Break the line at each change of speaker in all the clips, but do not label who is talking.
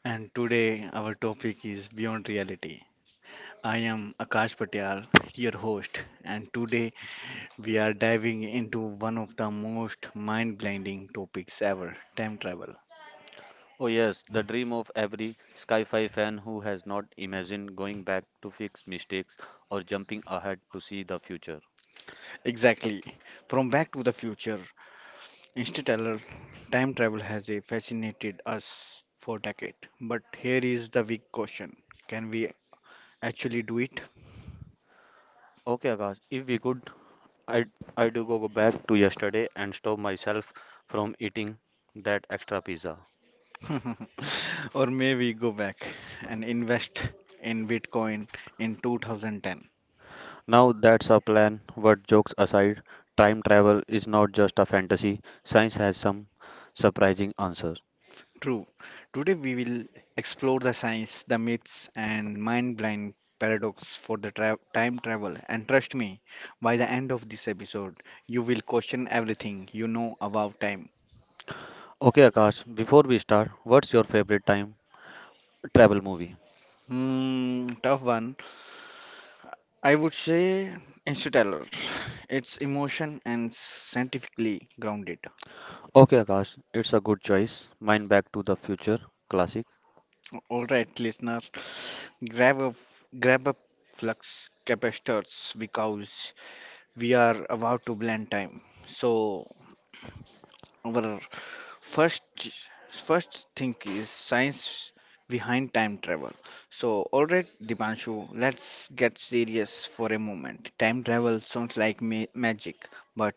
And today our topic is Beyond Reality. I am Akash Patyal, your host, and today we are diving into one of the most mind-blinding topics ever, time travel.
Oh, yes, the dream of every Sky 5 fan who has not imagined going back to fix mistakes or jumping ahead to see the future.
Exactly. From Back to the Future, interstellar time travel has fascinated us for decades. But here is the big question. Can we actually do it?
Okay, Akash, if we could, I'd, I do go back to yesterday and stop myself from eating that extra pizza.
Or maybe go back and invest in Bitcoin in 2010.
Now that's a plan, but jokes aside, time travel is not just a fantasy, science has some surprising answers.
True. Today we will explore the science, the myths, and mind-blowing paradox for the time travel. And trust me, by the end of this episode, you will question everything you know about time.
Okay, Akash, before we start, what's your favorite time travel movie?
Tough one. I would say Interstellar. It's emotion and scientifically grounded.
Okay, Akash, it's a good choice. Mine Back to the Future classic.
All right, listener, grab a grab a flux capacitors because we are about to blend time. So our first first thing is science behind time travel. So all right, Dipanshu, let's get serious for a moment. Time travel sounds like magic, but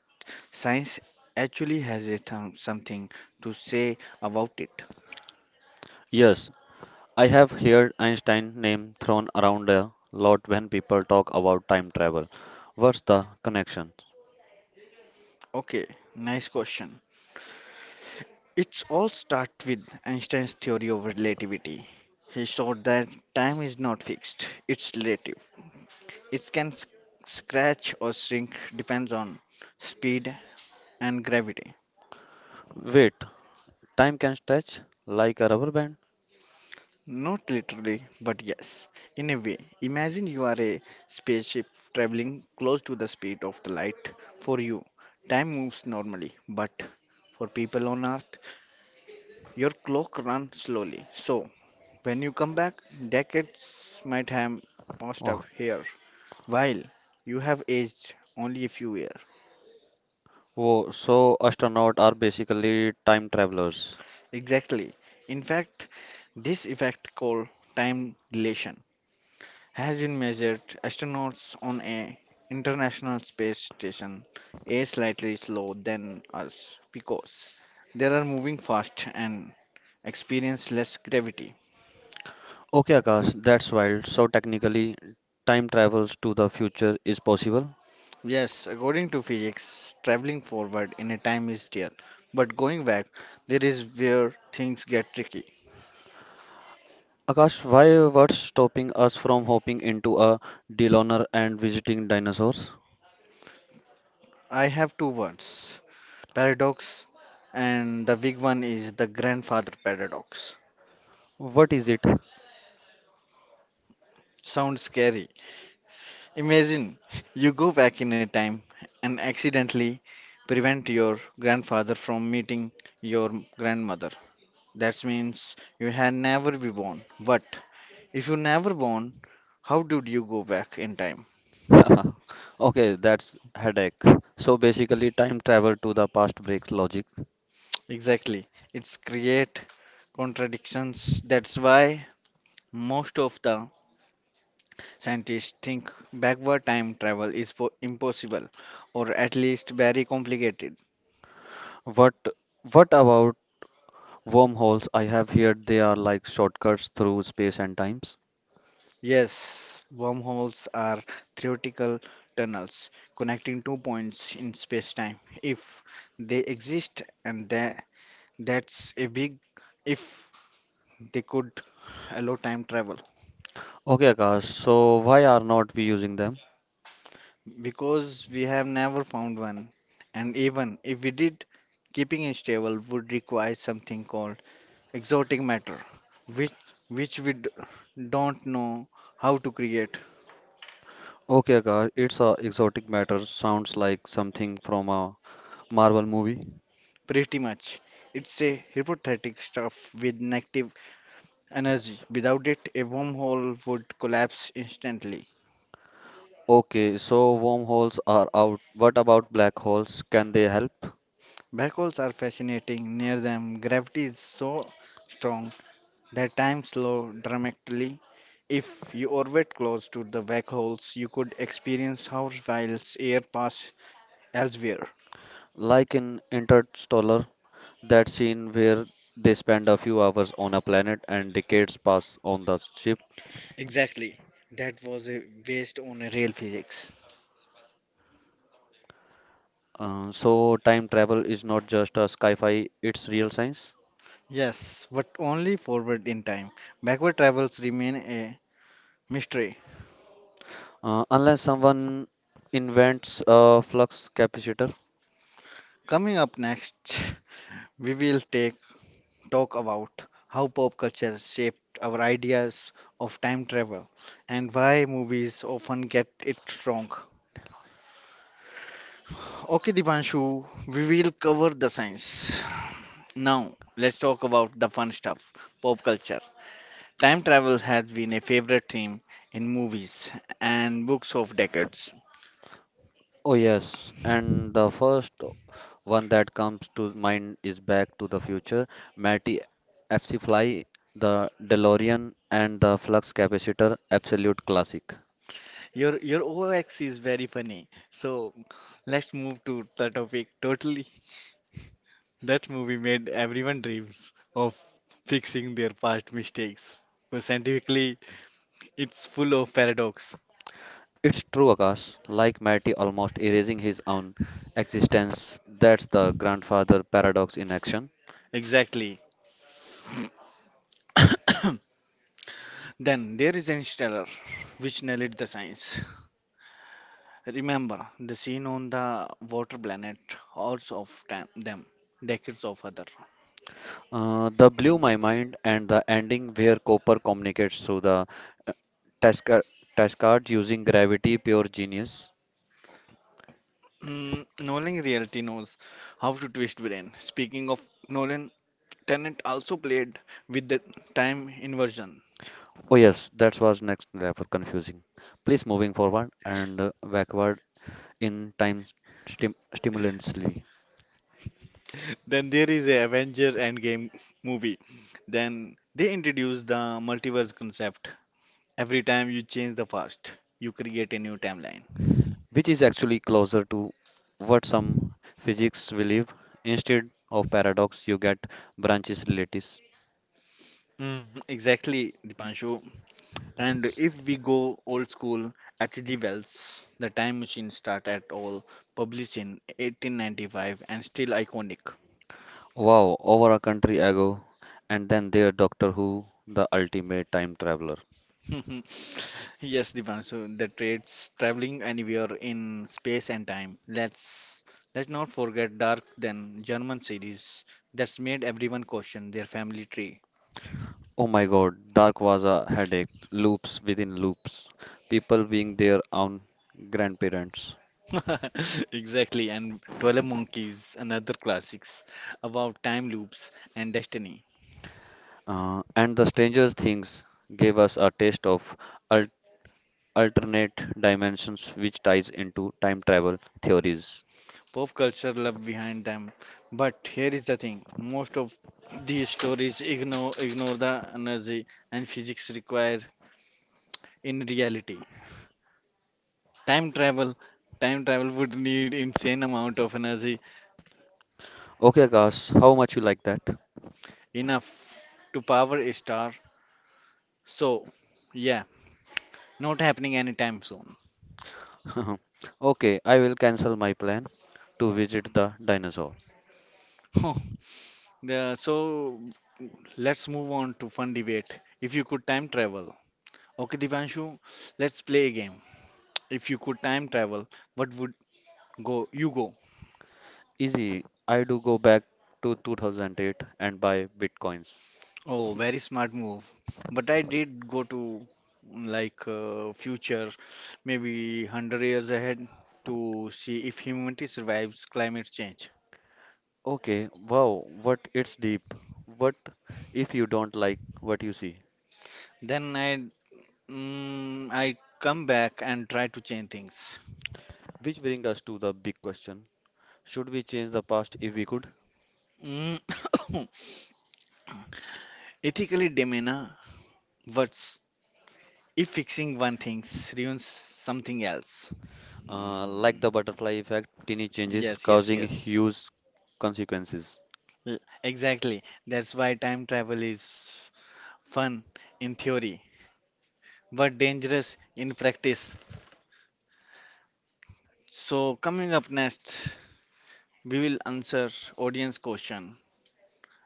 science actually has a something to say about it.
Yes, I have heard Einstein name thrown around a lot when people talk about time travel. What's the connection?
Okay, nice question. It's all start with Einstein's theory of relativity. He showed that time is not fixed, it's relative. It can scratch or shrink depends on speed and gravity.
Wait, time can stretch like a rubber band?
Not literally, but yes, in a way. Imagine you are a spaceship traveling close to the speed of the light. For you, time moves normally, but for people on Earth, your clock runs slowly. So, when you come back, decades might have passed up
Oh,
here, while you have aged only a few years.
whoa, so astronauts are basically time travelers.
Exactly. In fact, this effect called time dilation has been measured. Astronauts on a international space station age slightly slower than us because they are moving fast and experience less gravity.
Okay, Akash, that's wild. So technically, time travels to the future is possible.
Yes, according to physics, traveling forward in a time is real, but going back, there is where things get tricky.
Akash, why what's stopping us from hopping into a DeLorean and visiting dinosaurs?
I have two words paradox, and the big one is the grandfather paradox.
What is it?
Sounds scary. Imagine you go back in a time and accidentally prevent your grandfather from meeting your grandmother. That means you had never been born. But if you never born, how did you go back in time?
Okay, that's headache. So basically, time travel to the past breaks logic.
Exactly. It's create contradictions. That's why most of the scientists think backward time travel is po impossible or at least very complicated.
What what about wormholes? I have heard they are like shortcuts through space and times.
Yes, wormholes are theoretical tunnels connecting two points in space-time if they exist and that's a big if they could allow time travel.
Okay, Akash, so why are not we using them?
Because we have never found one. And even if we did, keeping it stable would require something called exotic matter, which which don't know how to create.
Okay, Akash, it's a exotic matter. Sounds like something from a Marvel movie.
Pretty much. It's a hypothetic stuff with negative energy. Without it, a wormhole would collapse instantly.
Okay, so wormholes are out. What about black holes? Can they help?
Black holes are fascinating. Near them, gravity is so strong that time slows dramatically. If you orbit close to the black holes, you could experience how whilst air pass elsewhere.
Like in Interstellar, that scene where they spend a few hours on a planet and decades pass on the ship.
Exactly. That was a waste on a real physics.
So time travel is not just a sci-fi, it's real science.
Yes, but only forward in time. Backward travels remain a mystery.
Unless someone invents a flux capacitor.
Coming up next, we will take talk about how pop culture shaped our ideas of time travel and why movies often get it wrong. Okay, Divanshu, we will cover the science. Now, let's talk about the fun stuff pop culture. Time travel has been a favorite theme in movies and books of decades.
Oh yes, and the first one that comes to mind is Back to the Future. Matty FC Fly, the DeLorean, and the flux capacitor, absolute classic.
Your OX is very funny. So, let's move to the topic totally. That movie made everyone dreams of fixing their past mistakes. But scientifically, it's full of paradox.
It's true, Akash. Like Matty almost erasing his own existence, that's the grandfather paradox in action.
Exactly. Then there is Interstellar, which nailed the science. Remember the scene on the water planet, hordes of them, decades of other.
The blew my mind and the ending where Copper communicates through the uh, Tasca- Tascard using gravity, pure genius.
Nolan reality knows how to twist brain. Speaking of Nolan, Tennant also played with the time inversion.
Oh yes, that was next level confusing. Please moving forward and backward in time stimulously.
Then there is a Avenger Endgame movie. Then they introduce the multiverse concept. Every time you change the past, you create a new timeline.
Which is actually closer to what some physics believe. Instead of paradox, you get branches relatives.
Mm, Exactly, Dipanshu. And
Relatives.
if we go old school, H.G. Wells, the time machine start at all, published in 1895 and still iconic.
Wow, over a country ago, and then there Doctor Who, the ultimate time traveler.
Yes, Divan, so the trades traveling anywhere in space and time. Let's not forget Dark then German series that's made everyone question their family tree.
Oh my god, Dark was a headache, loops within loops, people being their own grandparents.
Exactly, and 12 Monkeys, another classics about time loops and destiny.
And the Stranger Things gave us a taste of al- alternate dimensions, which ties into time travel theories.
Pop culture love behind them. But here is the thing most of these stories ignore, ignore the energy and physics required in reality. Time travel time travel would need insane amount of energy
Okay, Akash, how much you like that?
enough to power a star. So, yeah, not happening anytime soon.
Okay, I will cancel my plan to visit the dinosaur.
So let's move on to fun debate. If you could time travel, okay, Divanshu, let's play a game. If you could time travel, what would go you go?
Easy, I do go back to 2008 and buy bitcoins.
Oh, very smart move. But I did go to like future, maybe 100 years ahead to see if humanity survives climate change.
Okay, wow, what it's deep. What if you don't like what you see?
Then I come back and try to change things.
Which brings us to the big question. Should we change the past if we could?
Mm, Ethically, Demena, what's if fixing one thing ruins something else?
Like
Mm,
the butterfly effect, tiny changes
yes, yes,
causing
yes.
huge consequences.
Exactly. That's why time travel is fun in theory were dangerous in practice. So coming up next, we will answer audience question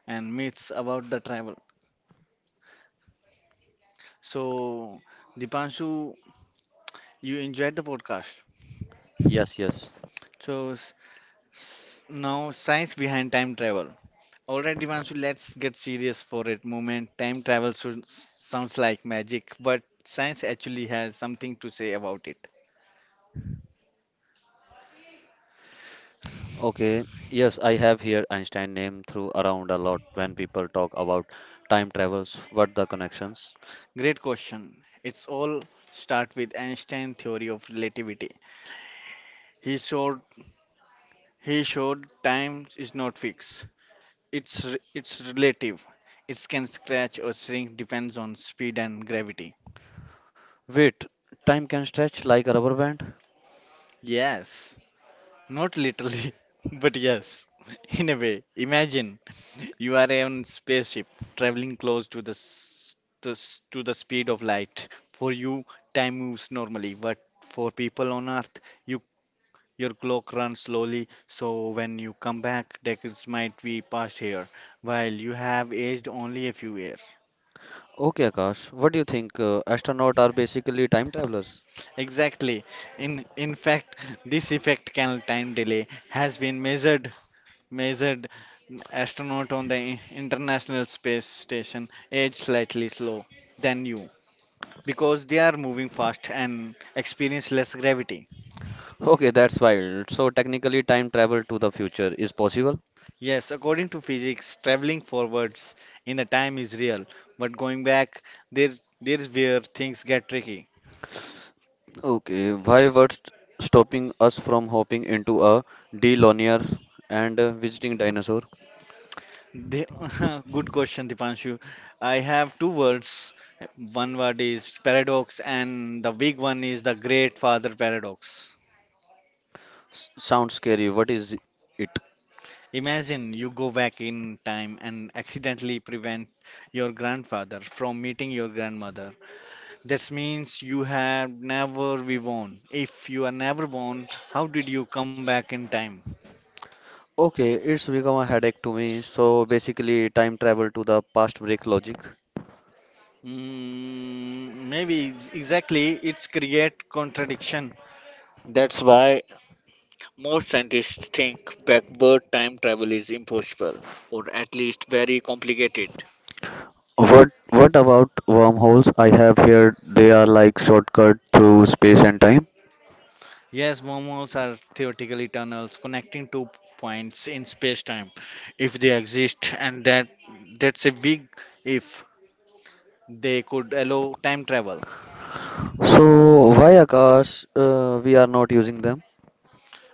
and myths about the travel. So Dipanshu, you enjoyed the podcast.
Yes, yes.
So now science behind time travel. All right, Dipanshu, let's get serious for a moment. Time travel sounds like magic, but science actually has something to say about it.
Okay, yes, I have here Einstein name through around a lot when people talk about time travels. What the connections?
Great question. It's all start with Einstein theory of relativity. He showed He showed time is not fixed. It's relative. It can scratch or shrink depends on speed and gravity.
Wait, time can stretch like a rubber band?
Yes, not literally, but yes. In a way, imagine you are on spaceship traveling close to to the speed of light. For you, time moves normally, but for people on Earth, you your clock runs slowly. So when you come back, decades might be past here, while you have aged only a few years.
Okay, Akash, what do you think? Astronauts are basically time travelers.
Exactly. In fact, this effect can time delay has been measured astronaut on the International Space Station age slightly slow than you because they are moving fast and experience less gravity.
Okay, that's wild. So technically, time travel to the future is possible.
Yes, according to physics, traveling forwards in the time is real, but going back there's where things get tricky.
Okay, why what's stopping us from hopping into a D linear and visiting dinosaur?
They, good question, Dipanshu. I have two words. One word is paradox, and the big one is the great father paradox.
S Sounds scary. What is it?
Imagine you go back in time and accidentally prevent your grandfather from meeting your grandmother. That means you have never been born. If you are never born, how did you come back in time?
Okay, it's become a headache to me. So basically, time travel to the past break logic.
Maybe exactly it's create contradiction. That's why most scientists think backward time travel is impossible, or at least very complicated.
What about wormholes? I have heard they are like shortcut through space and time.
Yes, wormholes are theoretically tunnels connecting two points in space-time, if they exist, and that's a big if they could allow time travel,
So why Akash, we are not using them?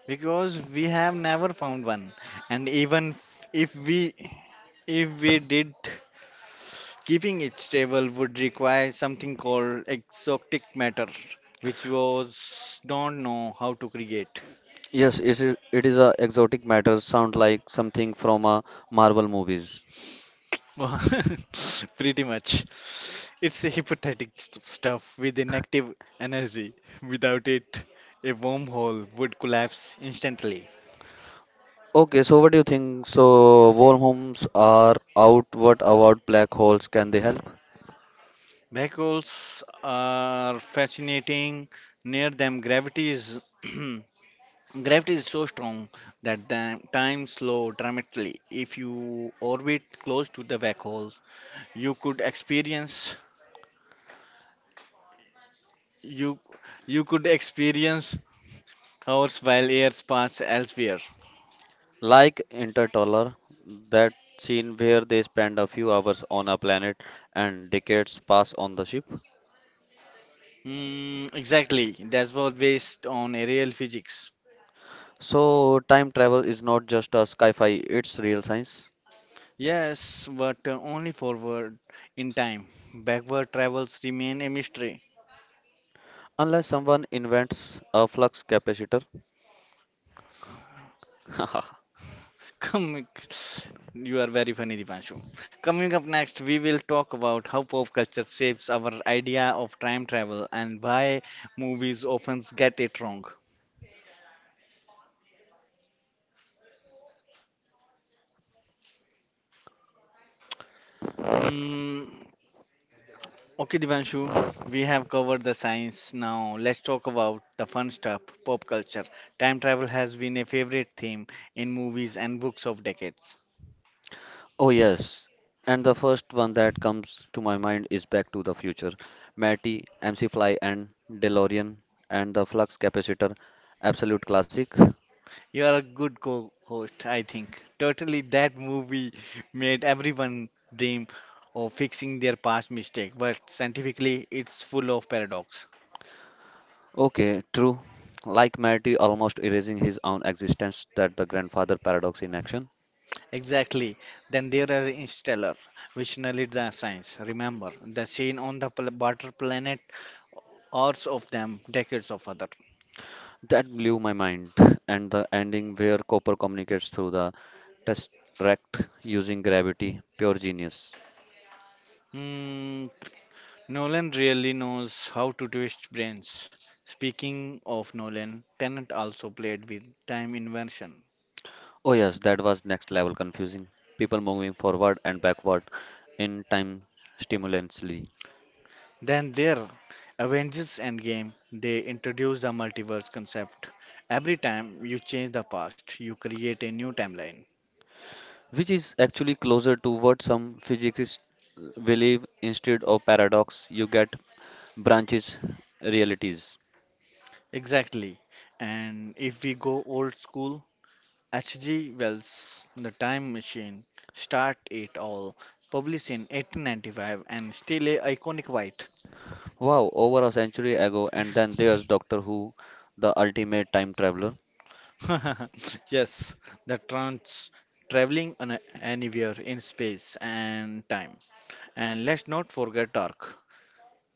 because we have never found one, and even if we if we did keeping it stable would require something called exotic matter, which was don't know how to create.
Yes, it is a exotic matter. Sound like something from a Marvel movies.
Pretty much. It's a hypothetic stuff with a negative energy. Without it, a wormhole would collapse instantly.
Okay, so what do you think? So wormholes are out. What about black holes? Can they help?
Black holes are fascinating. Near them, gravity is gravity is so strong that the time slow dramatically if you orbit close to the black hole. You could experience you you could experience hours while years pass elsewhere.
Like Interstellar, that scene where they spend a few hours on a planet and decades pass on the ship.
Exactly. That's what based on aerial physics.
So, time travel is not just a sci fi, it's real science.
Yes, but only forward in time. Backward travels remain a mystery.
Unless someone invents a flux capacitor.
Coming, you are very funny, Dipanshu. Coming up next, we will talk about how pop culture shapes our idea of time travel and why movies often get it wrong. Hmm. Okay, Divanshu, we have covered the science. Now let's talk about the fun stuff, pop culture. Time travel has been a favorite theme in movies and books of decades.
Oh, yes. And the first one that comes to my mind is Back to the Future. Matty, MC Fly, and DeLorean, and the flux capacitor. Absolute classic.
You are a good co-host, I think. Totally, that movie made everyone dream of fixing their past mistake, but scientifically, it's full of paradox.
Okay, true. Like Matty almost erasing his own existence, that the grandfather paradox in action.
Exactly. Then there are Interstellar, which narrate the science. Remember the scene on the butter planet, hours of them, decades of other.
That blew my mind. And the ending where Copper communicates through the tesseract using gravity, pure genius.
Mm, Nolan really knows how to twist brains. Speaking of Nolan, Tennant also played with time inversion.
Oh yes, that was next level confusing. People moving forward and backward in time stimulously,
Then there, Avengers Endgame, they introduced the multiverse concept. Every time you change the past, you create a new timeline.
which is actually closer to what some physicists believe instead of paradox, you get branches realities.
Exactly. And if we go old school, H.G. Wells, The Time Machine, start it all, published in 1895 and still a iconic white.
Wow, over a century ago, and then there's Doctor Who, the ultimate time traveler.
Yes, the trans traveling anywhere in space and time. And let's not forget Dark.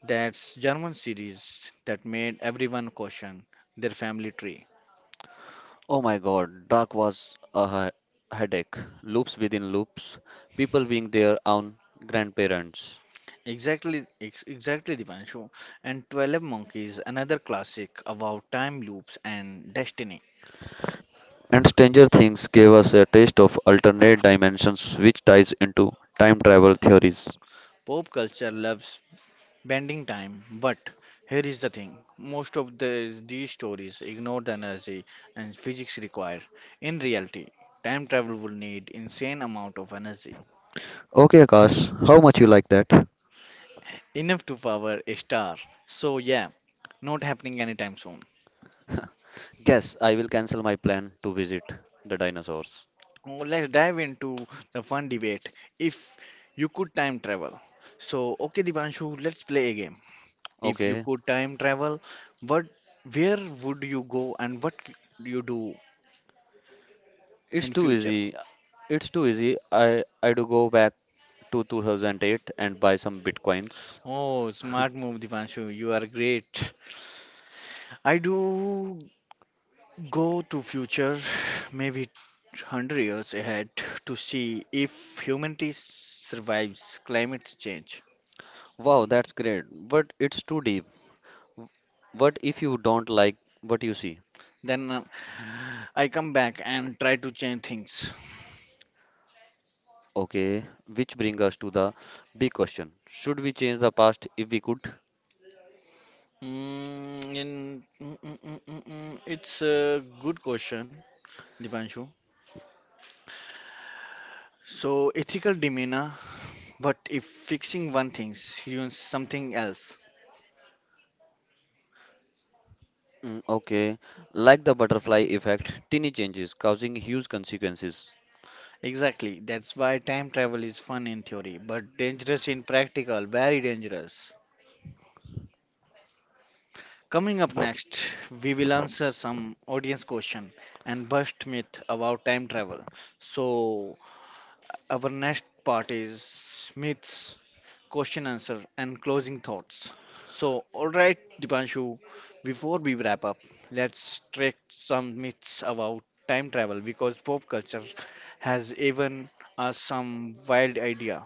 That's German series that made everyone question their family tree.
Oh my god, Dark was a headache. Loops within loops, people being their own grandparents.
Exactly, Dipanshu. And 12 Monkeys, another classic about time loops and destiny.
And Stranger Things gave us a taste of alternate dimensions, which ties into time travel theories.
Pop culture loves bending time, but here is the thing most of these stories ignore the energy and physics required. In reality, time travel will need insane amount of energy,
Okay, Akash, how much you like that?
enough to power a star. So yeah, not happening anytime soon.
Guess I will cancel my plan to visit the dinosaurs.
Oh, let's dive into the fun debate. If you could time travel, so okay, Divanshu, let's play a game. If you
Okay,
could time travel, what, where would you go and what you do
it's
in
too
future?
easy. It's too easy. I do go back to 2008 and buy some bitcoins.
Oh, smart move, Divanshu. You are great. I do go to future, maybe 100 years ahead, to see if humanity survives climate change.
Wow, that's great, but it's too deep. W- What if you don't like what you see?
Then I come back and try to change things.
Okay, which brings us to the big question. Should we change the past if we could?
Mm, in, mm, mm, mm, mm, mm. mm, It's a good question, Dipanshu. So, ethical demeanor, what if fixing one thing ruins something else?
Mm, okay, like the butterfly effect, tiny changes causing huge consequences.
Exactly. That's why time travel is fun in theory, but dangerous in practical, very dangerous. Coming up next, we will answer some audience question and bust myth about time travel. So our next part is myths, question answer and closing thoughts. So all right, Dipanshu, before we wrap up, let's check some myths about time travel because pop culture has even us some wild idea.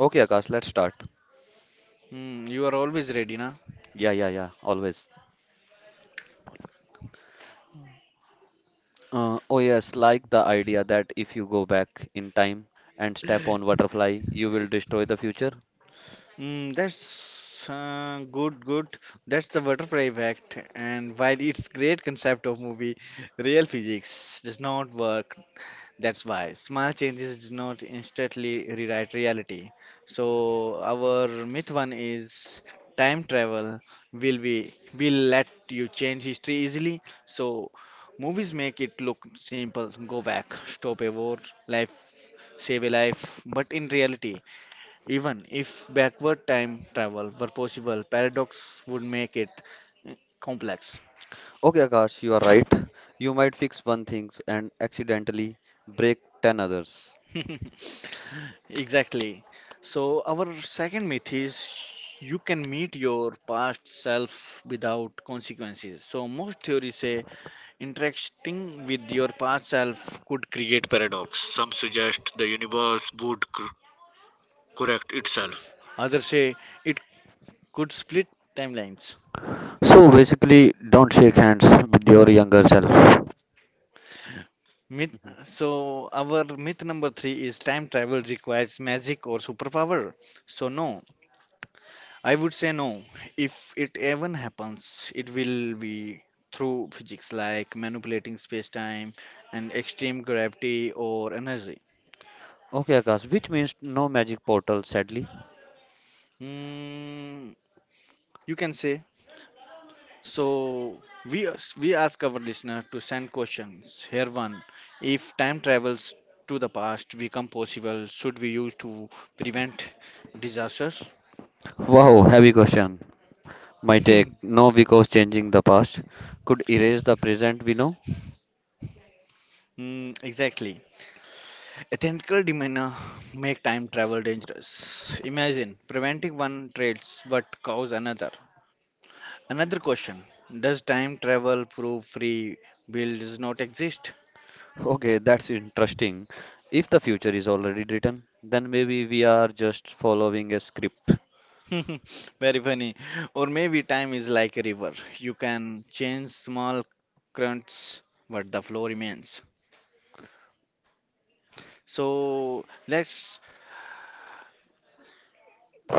Okay, Akash, let's start.
You are always ready, na?
Yeah, yeah, yeah, always. Oh, yes, like the idea that if you go back in time and step on butterfly, you will destroy the future.
That's good. That's the butterfly effect. And while it's great concept of movie, real physics does not work. That's why small changes do not instantly rewrite reality. So our myth one is time travel. Will we will let you change history easily? So movies make it look simple. Go back, stop a war, life, save a life. But in reality. Even if backward time travel were possible, paradox would make it complex.
Okay, Akash, you are right. You might fix one thing and accidentally break 10 others.
Exactly. So, our second myth is you can meet your past self without consequences. So, most theories say interacting with your past self could create paradox. Some suggest the universe would correct itself, others say it could split timelines.
So basically, don't shake hands with your younger self.
Myth,
Mhm.
so our myth number three is time travel requires magic or superpower. So no, I would say no. If it even happens, it will be through physics like manipulating space-time and extreme gravity or energy.
Okay, Akash, which means no magic portal, sadly.
Mm, you can say. So we ask our listener to send questions. Here one, if time travels to the past become possible, should we use to prevent disasters?
Wow, heavy question. My take, no, because changing the past could erase the present we know.
Exactly. Ethical tentacle demeanor make time travel dangerous. Imagine preventing one traits but cause another. Another question: does time travel prove free will does not exist?
Okay, that's interesting. If the future is already written, then maybe we are just following a script.
Very funny. Or maybe time is like a river. You can change small currents, but the flow remains. So let's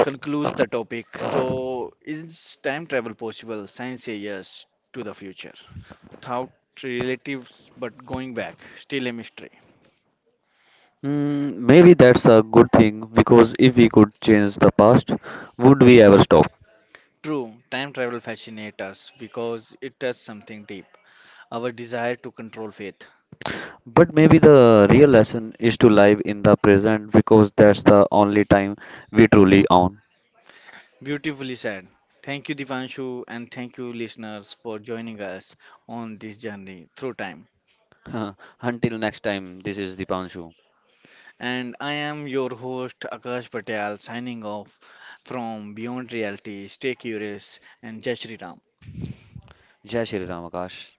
conclude the topic. So is time travel possible? Science say yes to the future. Without relatives but going back, still a mystery.
Mm, maybe that's a good thing because if we could change the past, would we ever stop?
True, time travel fascinates us because it touches something deep our desire to control fate.
But maybe the real lesson is to live in the present because that's the only time we truly own.
Beautifully said. Thank you, Divanshu, and thank you, listeners, for joining us on this journey through time.
Until next time, this is Dipanshu.
And I am your host, Akash Patel, signing off from Beyond Reality. Stay curious and Jai Shri Ram.
Jai Shri Ramakash.